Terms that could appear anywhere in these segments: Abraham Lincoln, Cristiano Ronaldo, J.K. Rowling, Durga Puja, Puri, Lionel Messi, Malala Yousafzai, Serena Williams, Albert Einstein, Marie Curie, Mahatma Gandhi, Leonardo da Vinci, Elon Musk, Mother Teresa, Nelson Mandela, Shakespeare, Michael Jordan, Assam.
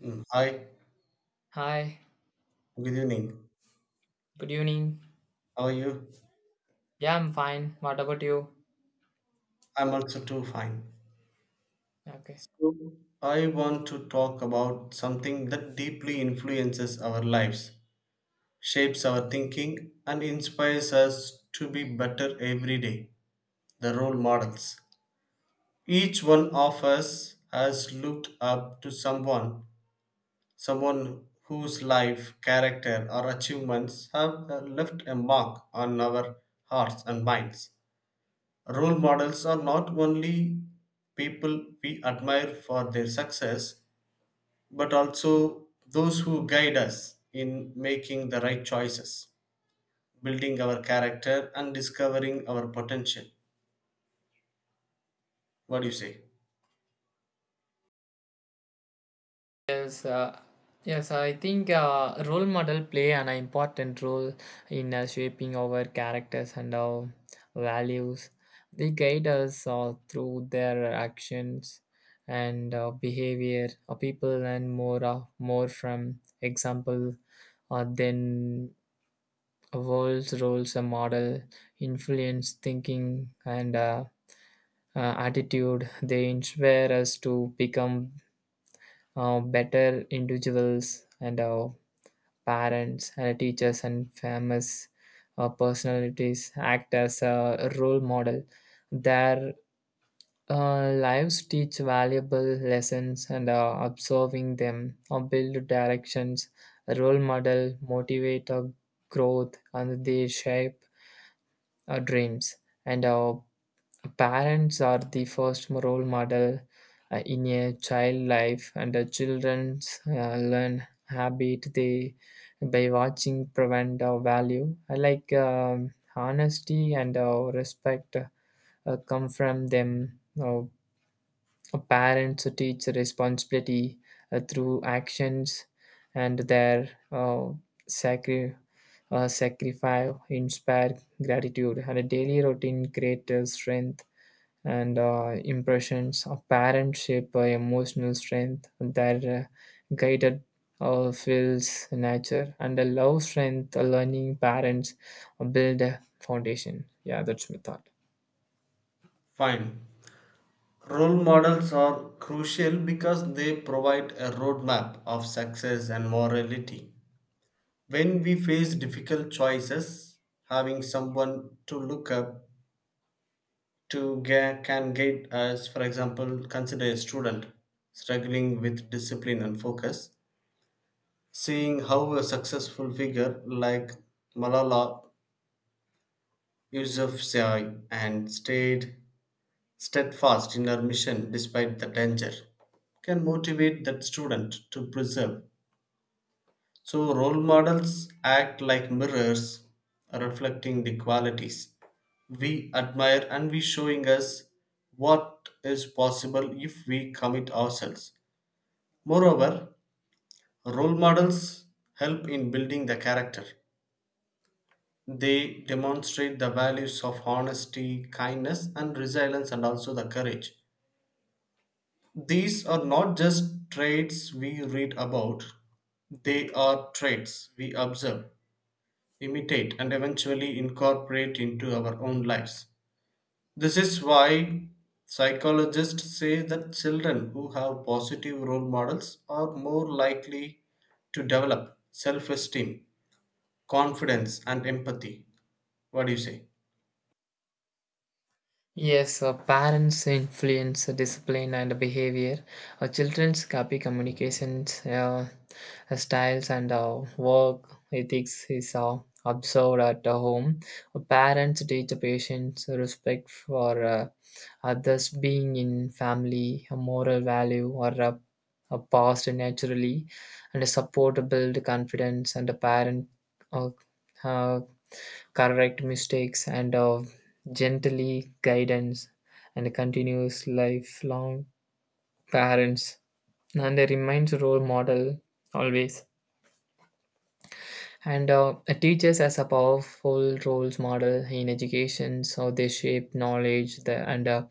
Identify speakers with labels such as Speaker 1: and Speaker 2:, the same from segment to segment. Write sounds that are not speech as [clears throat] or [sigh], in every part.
Speaker 1: Mm, hi,
Speaker 2: Hi,
Speaker 1: good evening.
Speaker 2: good evening.
Speaker 1: How are you?
Speaker 2: Yeah, I'm fine. What about you?
Speaker 1: I'm also too fine.
Speaker 2: Okay.
Speaker 1: So, I want to talk about something that deeply influences our lives, shapes our thinking, and inspires us to be better every day the role models. Each one of us has looked up to someone, someone whose life, character, or achievements have left a mark on our hearts and minds. Role models are not only people we admire for their success, but also those who guide us in making the right choices, building our character, and discovering our potential. What do you say?
Speaker 2: Yes, uh, yes. I think role model play an important role in shaping our characters and our values. They guide us through their actions and behavior. People learn more from example than world's roles a model influence thinking and attitude they inspire us to become better individuals, and our parents and teachers and famous personalities act as a role model. Their lives teach valuable lessons, and observing them or build directions. Role model motivate our growth, and they shape our dreams and our. Parents are the first role model in a child life, and the children learn habit they by watching prevent our value. I like honesty and respect come from them. Parents teach responsibility through actions and their sacri- sacrifice inspire gratitude, and a daily routine creates strength and impressions. Our parents shape our emotional strength, their guided feels nature, and the love strength, learning parents build a foundation. Yeah, that's my thought.
Speaker 1: Fine. Role models are crucial because they provide a roadmap of success and morality. When we face difficult choices, having someone to look up to can guide us. For example, consider a student struggling with discipline and focus, seeing how a successful figure like Malala Yousafzai and stayed steadfast in her mission despite the danger can motivate that student to persevere. So, role models act like mirrors reflecting the qualities we admire and we showing us what is possible if we commit ourselves. Moreover, role models help in building the character. They demonstrate the values of honesty, kindness, and resilience, and also the courage. These are not just traits we read about, they are traits we observe, imitate, and eventually incorporate into our own lives. This is why psychologists say that children who have positive role models are more likely to develop self esteem, confidence, and empathy. What do you say?
Speaker 2: Yes, parents influence discipline and behavior. Children's copy communications styles and work ethics is observed at the home. Parents teach patience, respect for others being in family, a moral value or a past naturally, and a support to build confidence, and a parent uh, uh, correct mistakes, and gently guidance and continues lifelong parents and a reminds role model always, and teachers as a powerful roles model in education, so they shape knowledge the, and uh,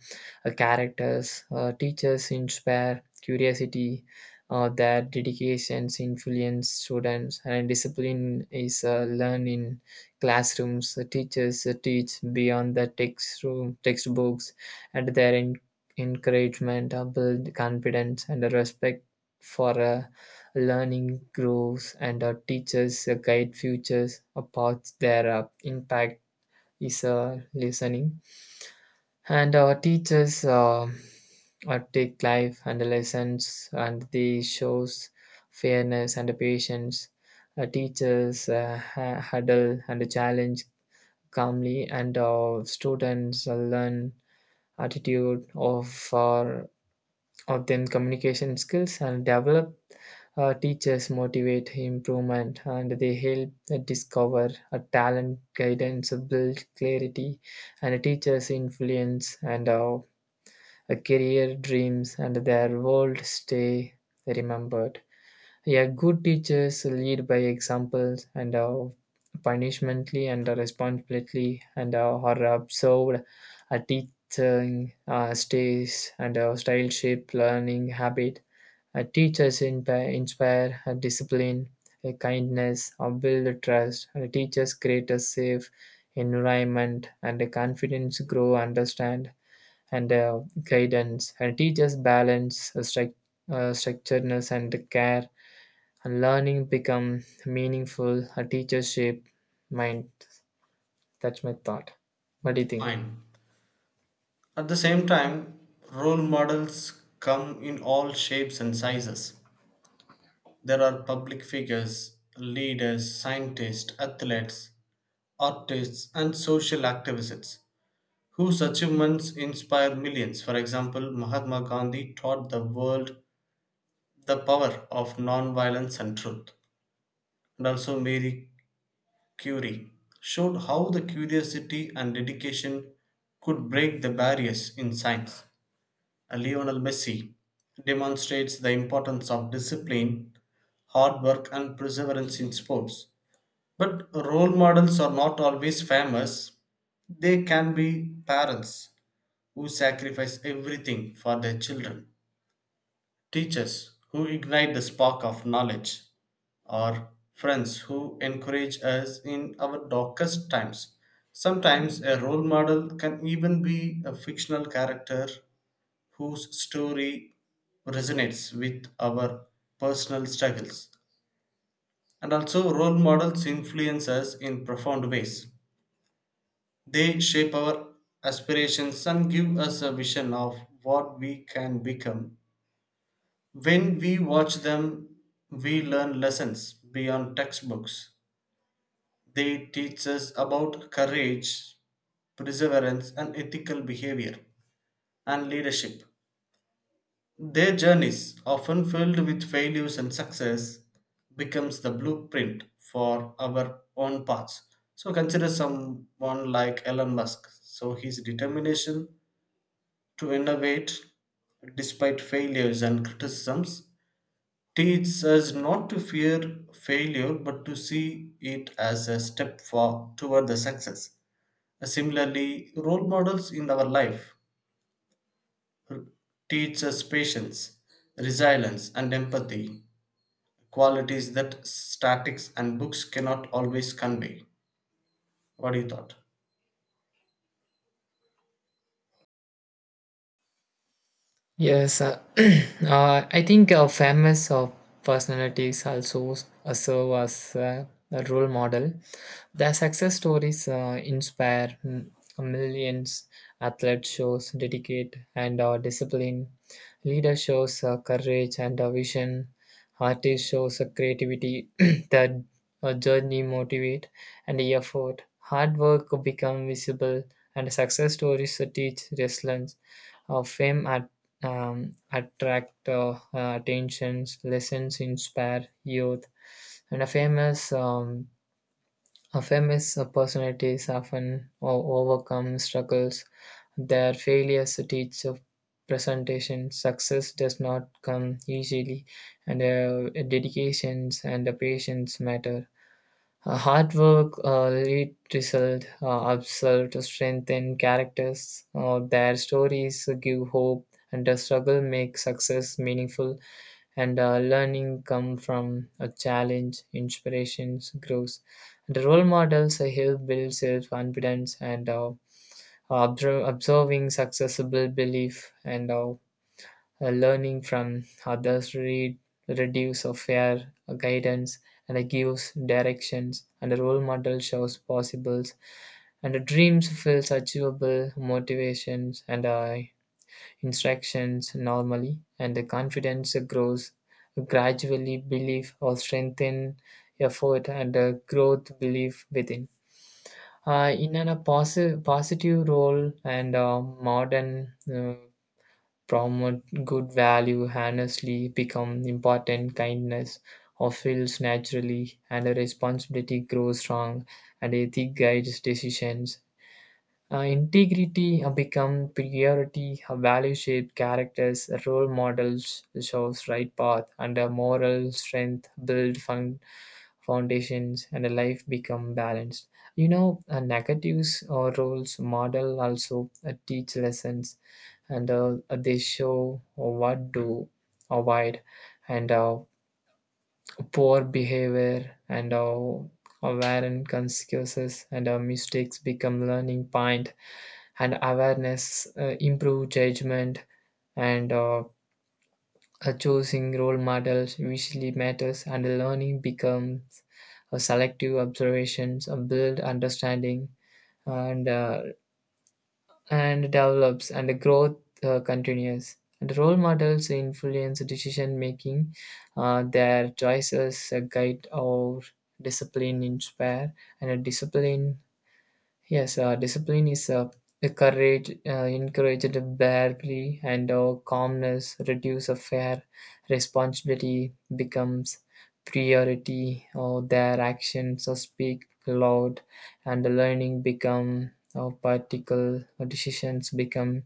Speaker 2: uh, characters. Teachers inspire curiosity, their dedications influence students, and discipline is learned in classrooms. Teachers teach beyond the text room, textbooks, and their encouragement build confidence and respect for Learning grows, and our teachers guide future paths there. Our impact is listening. And our teachers take life and the lessons, and they shows fairness and the patience. Our teachers huddle and challenge calmly, and our students learn attitude of our of them communication skills and develop teachers motivate improvement, and they help discover a talent guidance build clarity, and teachers influence and a career dreams, and their world stay remembered. Yeah, good teachers lead by examples, and punishmently and responsibility, and are observed a teaching stays and style shape learning habit. Teachers inspire discipline, kindness, or build trust. Teachers create a safe environment, and the confidence grow, understand, and guidance. And teachers balance structuredness and the care. And learning become meaningful. A teacher shape mind. That's my thought. What do you think?
Speaker 1: Fine. At the same time, role models come in all shapes and sizes. There are public figures, leaders, scientists, athletes, artists, and social activists whose achievements inspire millions. For example, Mahatma Gandhi taught the world the power of non-violence and truth. And also, Marie Curie showed how the curiosity and dedication could break the barriers in science. Lionel Messi demonstrates the importance of discipline, hard work, and perseverance in sports. But role models are not always famous, they can be parents who sacrifice everything for their children, teachers who ignite the spark of knowledge, or friends who encourage us in our darkest times. Sometimes a role model can even be a fictional character whose story resonates with our personal struggles. And also, role models influence us in profound ways. They shape our aspirations and give us a vision of what we can become. When we watch them, we learn lessons beyond textbooks. They teach us about courage, perseverance, and ethical behavior, and leadership. Their journeys, often filled with failures and success, becomes the blueprint for our own paths. So consider someone like Elon Musk. So his determination to innovate despite failures and criticisms teaches us not to fear failure but to see it as a step for, toward the success. Similarly, role models in our life teach us patience, resilience, and empathy, qualities that statics and books cannot always convey. What do you thought?
Speaker 2: Yes, [clears throat] I think famous of personalities also serve as a role model. Their success stories inspire millions. Athlete shows dedicate and discipline. Leader shows courage and vision. Artist shows creativity. [clears throat] The journey motivate and effort. Hard work become visible, and success stories teach resilience. Her fame at, attract attentions, lessons inspire youth, and a famous personalities often overcome struggles. Their failures teach of presentation. Success does not come easily, and dedications and the patience matter. Hard work lead result absolute strengthen characters. Their stories give hope, and the struggle make success meaningful, and learning come from a challenge. Inspirations grows, the role models help build self-confidence, and observing successful belief, and learning from others reduces fear, guidance, and gives directions, and a role model shows possibles, and the dreams feels achievable, motivations, and instructions normally, and the confidence grows gradually, belief or strengthen effort, and growth belief within in a positive role, and modern promote good value honestly become important kindness or feels naturally, and the responsibility grows strong, and ethic guides decisions. Integrity become priority, value shape characters. Role models shows right path, and a moral strength build foundations, and a life become balanced. You know, negatives or roles model also teach lessons, and they show what to avoid, and poor behavior and our awareness consequences and our mistakes become learning point, and awareness improve judgment, and choosing role models usually matters, and learning becomes a selective observations a build understanding, and uh, and develops and the growth continues, and role models influence decision making. Their choices guide our discipline inspire and a discipline. Yes, discipline is the courage encouraged barely, and calmness reduce a fair responsibility becomes priority, or their actions or speak loud, and the learning become or particle or decisions become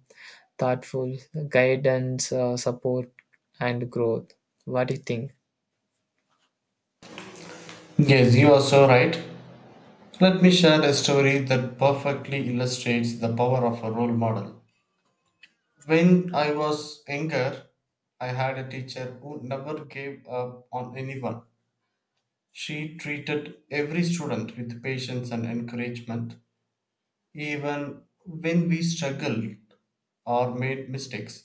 Speaker 2: thoughtful, guidance, support, and growth. What do you think?
Speaker 1: Yes, you are so right. Let me share a story that perfectly illustrates the power of a role model. When I was younger, I had a teacher who never gave up on anyone. She treated every student with patience and encouragement, even when we struggled or made mistakes.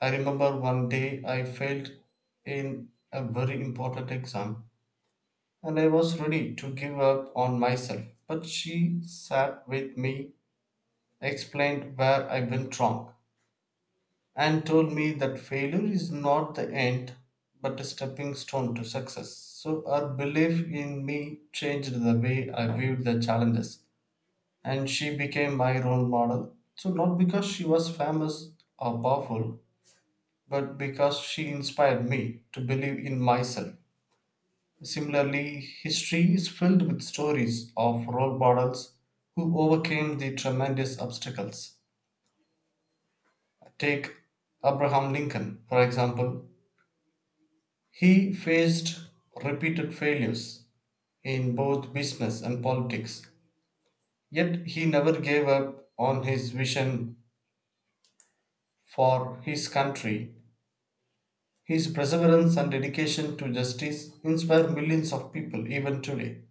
Speaker 1: I remember one day I failed in a very important exam and I was ready to give up on myself. But she sat with me, explained where I went wrong, and told me that failure is not the end but a stepping stone to success. So her belief in me changed the way I viewed the challenges, and she became my role model. So, not because she was famous or powerful, but because she inspired me to believe in myself. Similarly, history is filled with stories of role models who overcame the tremendous obstacles. Take Abraham Lincoln, for example. He faced repeated failures in both business and politics, yet he never gave up on his vision for his country. His perseverance and dedication to justice inspire millions of people even today.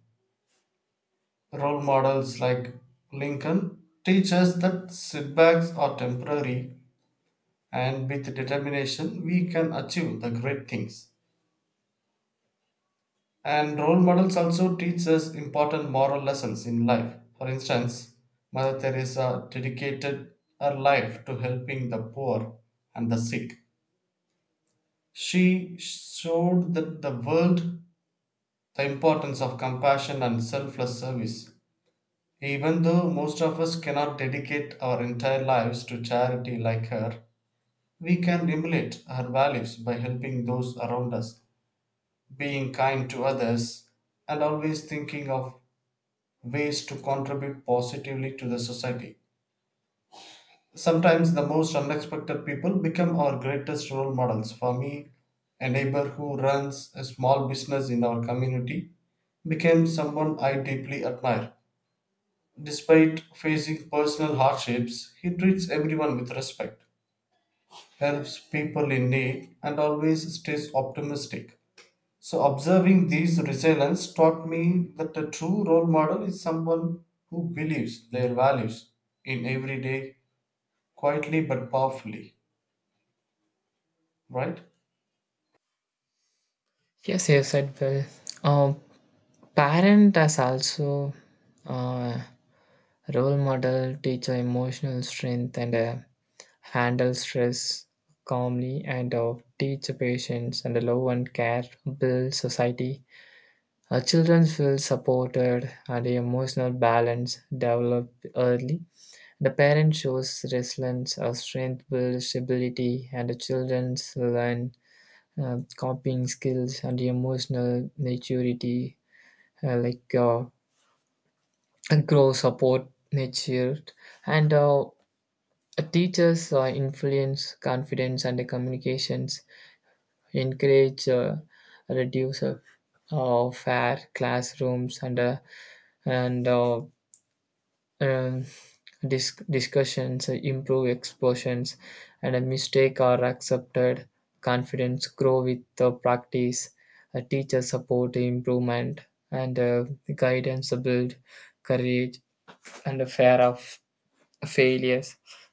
Speaker 1: Role models like Lincoln teach us that setbacks are temporary and with determination we can achieve the great things. And role models also teach us important moral lessons in life. For instance, Mother Teresa dedicated her life to helping the poor and the sick. She showed that the world the importance of compassion and selfless service. Even though most of us cannot dedicate our entire lives to charity like her, we can emulate her values by helping those around us, being kind to others, and always thinking of ways to contribute positively to the society. Sometimes the most unexpected people become our greatest role models. For me, a neighbor who runs a small business in our community became someone I deeply admire. Despite facing personal hardships, he treats everyone with respect, helps people in need, and always stays optimistic. So, observing these resilience taught me that a true role model is someone who believes their values in every day, quietly but powerfully, right?
Speaker 2: Yes, you said well. Um, parent has also. Uh, Role model teach emotional strength, and handle stress calmly, and teach patience and love and care build society. Our children feel supported, and emotional balance develop early. The parent shows resilience, our strength builds stability, and the children learn copying skills and emotional maturity uh, like uh, grow support matured and teachers influence confidence and communications, encourage, reduce fair classrooms, and and uh, um, discussions, improve expositions, and a mistake are accepted. Confidence grow with the practice. Teacher support improvement, and guidance build courage, and a fear of failures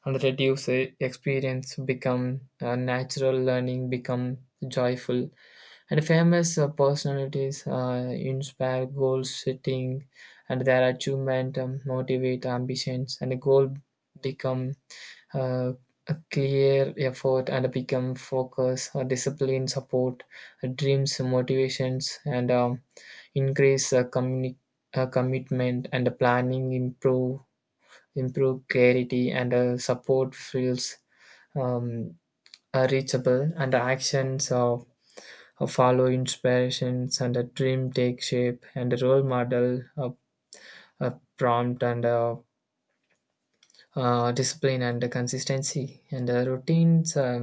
Speaker 2: and reduce experience become natural. Learning become joyful, and famous personalities inspire goal setting, and their achievement motivate ambitions, and a goal become uh, a clear effort and become focus. Discipline support dreams motivations and increase commitment and planning improve clarity, and support feels um, reachable, and the actions of follow inspirations, and a dream take shape, and a role model a prompt, and discipline and the consistency and the routines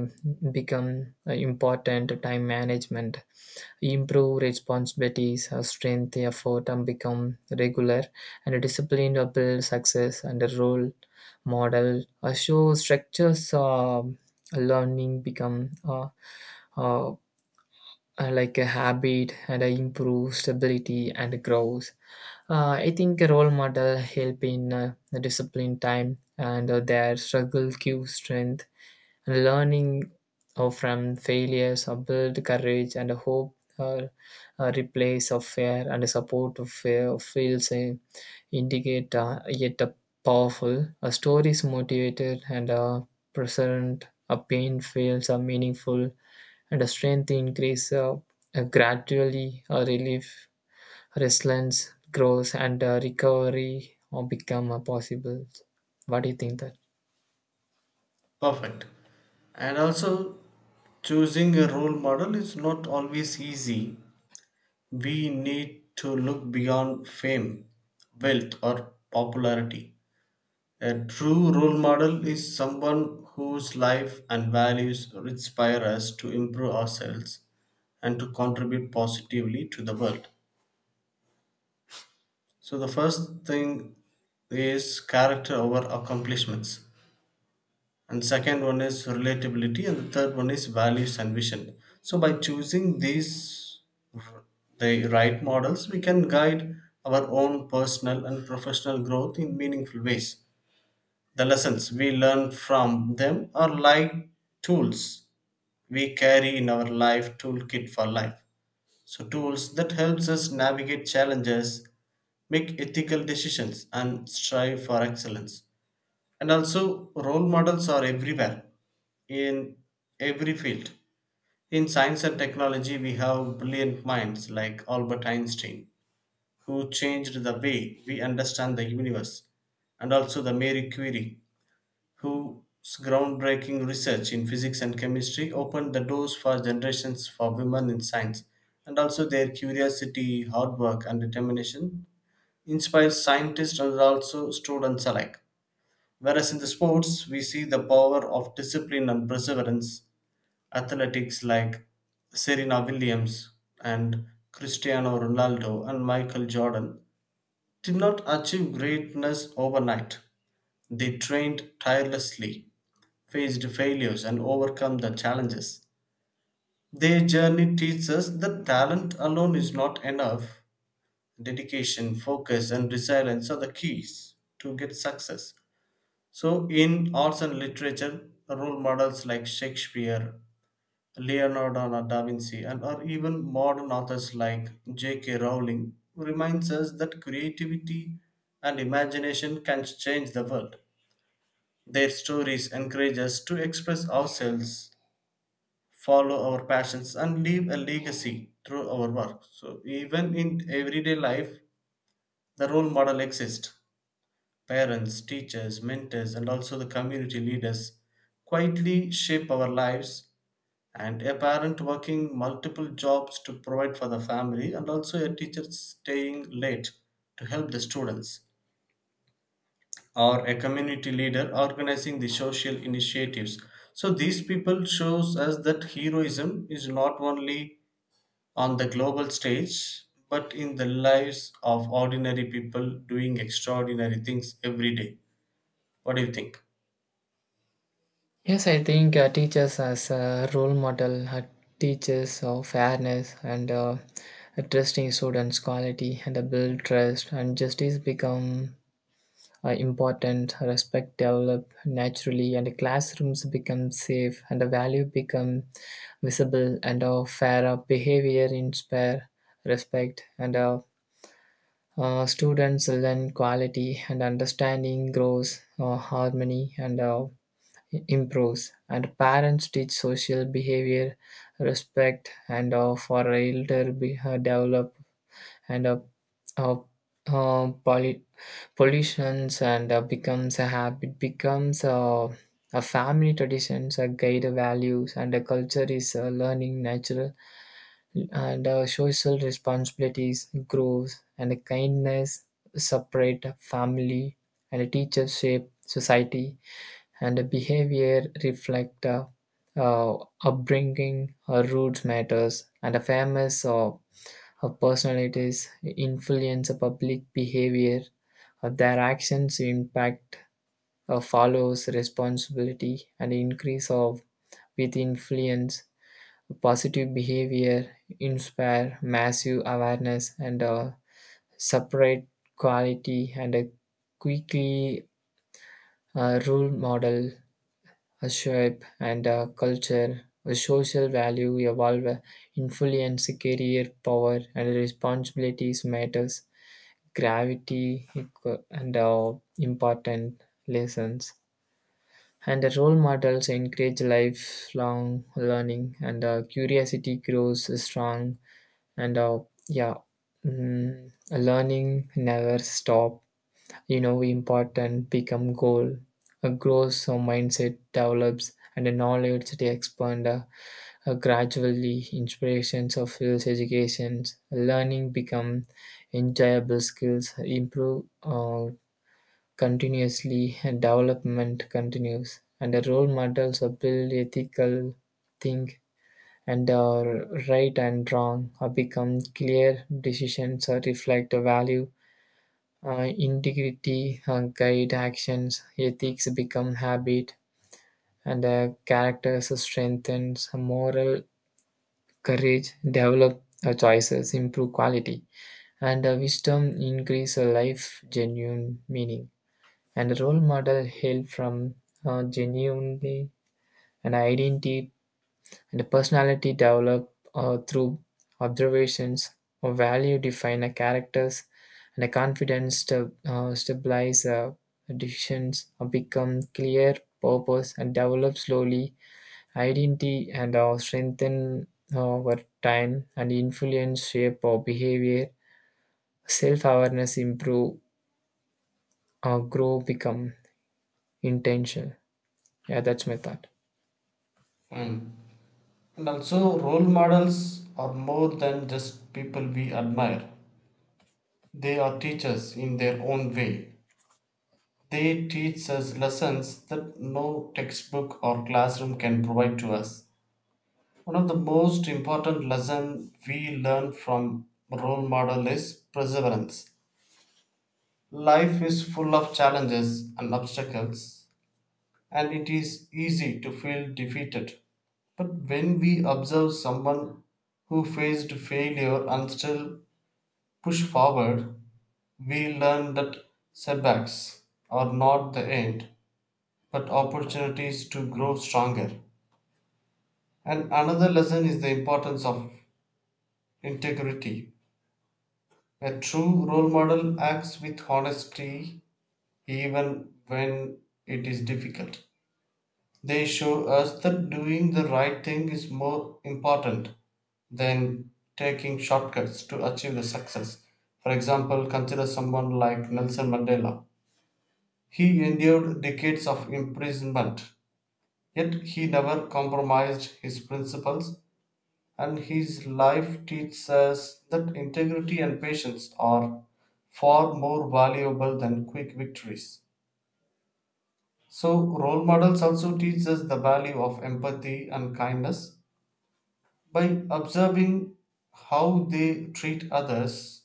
Speaker 2: become important. Time management improve responsibilities, strength effort and become regular and disciplined build success, and a role model show structures. Learning become uh, like a habit, and I improve stability and growth. I think a role model help in the discipline time, and their struggle give strength. Learning from failures build courage and hope. A replace of fear and support of fear feels indicate yet a powerful. A story is motivated, and present. A pain feels meaningful, and a strength increase gradually. A relief, resilience grows, and recovery become possible. What do you think that?
Speaker 1: Perfect. And also, choosing a role model is not always easy. We need to look beyond fame, wealth, or popularity. A true role model is someone whose life and values inspire us to improve ourselves and to contribute positively to the world. So, the first thing is character over accomplishments, and second one is relatability, and the third one is values and vision. So, by choosing these r- the right models, we can guide our own personal and professional growth in meaningful ways. The lessons we learn from them are like tools we carry in our life toolkit for life. So tools that helps us navigate challenges, make ethical decisions and strive for excellence. And also role models are everywhere in every field. In science and technology we have brilliant minds like Albert Einstein who changed the way we understand the universe, and also the Mary Curie whose groundbreaking research in physics and chemistry opened the doors for generations for women in science, and also their curiosity, hard work and determination inspires scientists and also students alike. Whereas in the sports we see the power of discipline and perseverance, athletics like Serena Williams and Cristiano Ronaldo and Michael Jordan did not achieve greatness overnight. They trained tirelessly, faced failures and overcome the challenges. Their journey teaches us that talent alone is not enough. Dedication, focus, and resilience are the keys to get success. So, in arts and literature, role models like Shakespeare, Leonardo da Vinci, and or even modern authors like J.K. Rowling reminds us that creativity and imagination can change the world. Their stories encourage us to express ourselves, follow our passions and leave a legacy through our work. So, even in everyday life, the role model exists. Parents, teachers, mentors, and also the community leaders quietly shape our lives. And a parent working multiple jobs to provide for the family, and also a teacher staying late to help the students, or a community leader organizing the social initiatives. So these people shows us that heroism is not only on the global stage, but in the lives of ordinary people doing extraordinary things every day. What do you think?
Speaker 2: Yes, I think teachers as a role model teaches of fairness, and trusting students' quality, and build trust, and justice become important. Respect develop naturally, and classrooms become safe, and the value become visible, and fairer behavior inspire respect, and students learn quality, and understanding grows harmony, and improves, and parents teach social behavior, respect, and for elder be, develop, and uh, uh, poly- pollutions, and becomes a habit, becomes a family traditions, a guide values, and a culture is learning natural, and social responsibilities grows, and kindness separate family, and teachers shape society, and the behavior reflect uh, upbringing or roots matters, and a famous or of personalities influence a public behavior. Their actions impact follows responsibility and increase of with influence. Positive behavior inspire massive awareness, and separate quality, and a quickly role model, a shape and a culture, a social value evolve, influence, career, power and responsibilities matters, gravity and important lessons. And the role models encourage lifelong learning, and curiosity grows strong, and yeah. Learning never stop. You know, important become goal a grows. Our mindset develops, and the knowledge they expand gradually inspirations of fields educations. Learning become enjoyable, skills improve continuously, and development continues, and the role models are build ethical think, and right and wrong become clear. Decisions reflect the value, integrity, guide actions, ethics become habit, and characters strengthens moral courage, develop choices, improve quality, and wisdom increase a life genuine meaning. And the role model hail from genuinely an identity. And a personality developed through observations or value define a characters, and a confidence to stabilize decisions or become clear purpose, and develop slowly identity, and strengthen over time, and influence shape or behavior. Self-awareness improve or grow become intentional. Yeah, that's my thought.
Speaker 1: Mm. And also, role models are more than just people we admire. They are teachers in their own way. They teach us lessons that no textbook or classroom can provide to us. One of the most important lessons we learn from role model is perseverance. Life is full of challenges and obstacles, and it is easy to feel defeated. But when we observe someone who faced failure and still push forward, we learn that setbacks are not the end, but opportunities to grow stronger. And another lesson is the importance of integrity. A true role model acts with honesty even when it is difficult. They show us that doing the right thing is more important than taking shortcuts to achieve the success. For example, consider someone like Nelson Mandela. He endured decades of imprisonment, yet he never compromised his principles, and his life teaches us that integrity and patience are far more valuable than quick victories. So, role models also teach us the value of empathy and kindness. By observing how they treat others,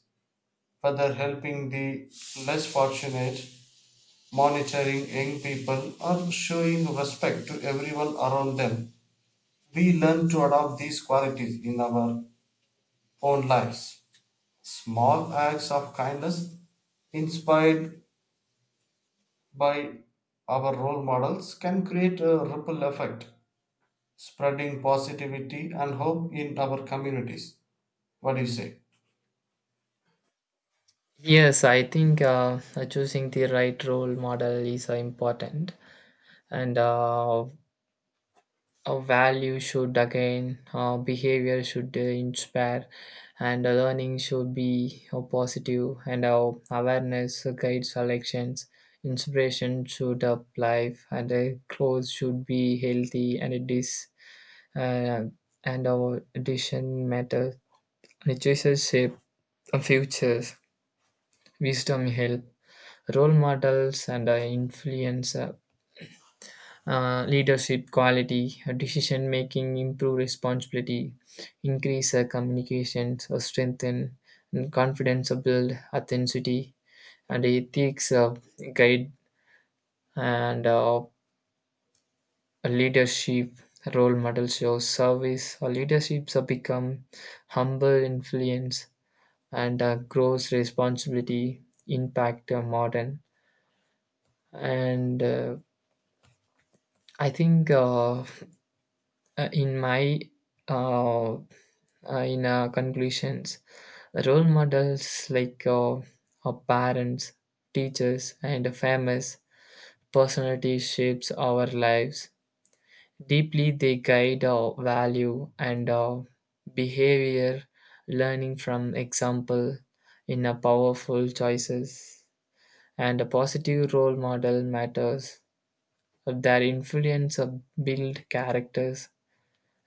Speaker 1: whether helping the less fortunate, monitoring young people, or showing respect to everyone around them, we learn to adopt these qualities in our own lives. Small acts of kindness, inspired by our role models, can create a ripple effect, spreading positivity and hope in our communities. What do you say?
Speaker 2: Yes, I think choosing the right role model is important, and a value should again behavior should inspire, and learning should be positive, and awareness guides selections. Inspiration should up life, and clothes should be healthy, and it is uh, and our addition matter. The choices shape the futures, wisdom help role models, and influence leadership quality, decision making, improve responsibility, increase communications, strengthen and confidence, build authenticity, and ethics guide, and leadership role model shows service. Leaderships become humble influence, and grows responsibility, impact modern and. I think uh, in my uh, in conclusions, role models like our parents, teachers, and famous personalities shapes our lives. Deeply, they guide our value and our behavior, learning from example in a powerful choices. And a positive role model matters. Their influence build characters.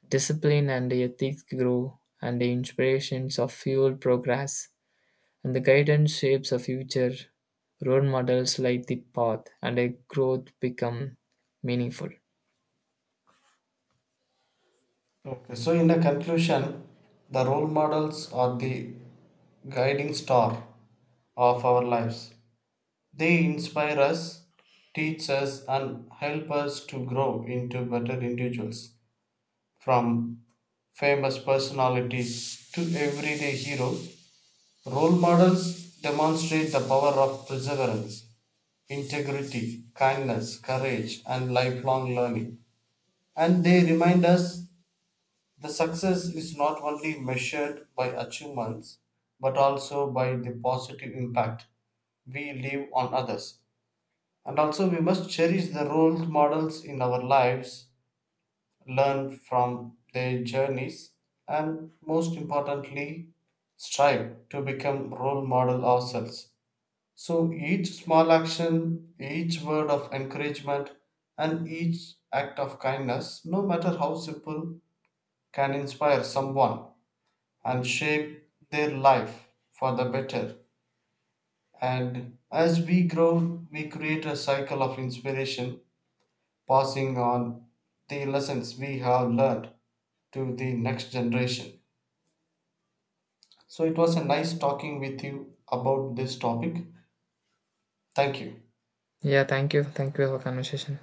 Speaker 2: Discipline and ethics grow, and the inspirations of fuel progress, and the guidance shapes a future. Role models light the path, and a growth become meaningful.
Speaker 1: Okay, so in a conclusion, the role models are the guiding star of our lives. They inspire us, teach us, and help us to grow into better individuals. From famous personalities to everyday heroes, role models demonstrate the power of perseverance, integrity, kindness, courage, and lifelong learning. And they remind us the success is not only measured by achievements but also by the positive impact we leave on others. And also, we must cherish the role models in our lives, learn from their journeys, and most importantly, strive to become role model ourselves. So each small action, each word of encouragement, and each act of kindness, no matter how simple, can inspire someone and shape their life for the better. And as we grow, we create a cycle of inspiration, passing on the lessons we have learned to the next generation. So it was a nice talking with you about this topic. Thank you.
Speaker 2: Yeah, thank you. Thank you for conversation.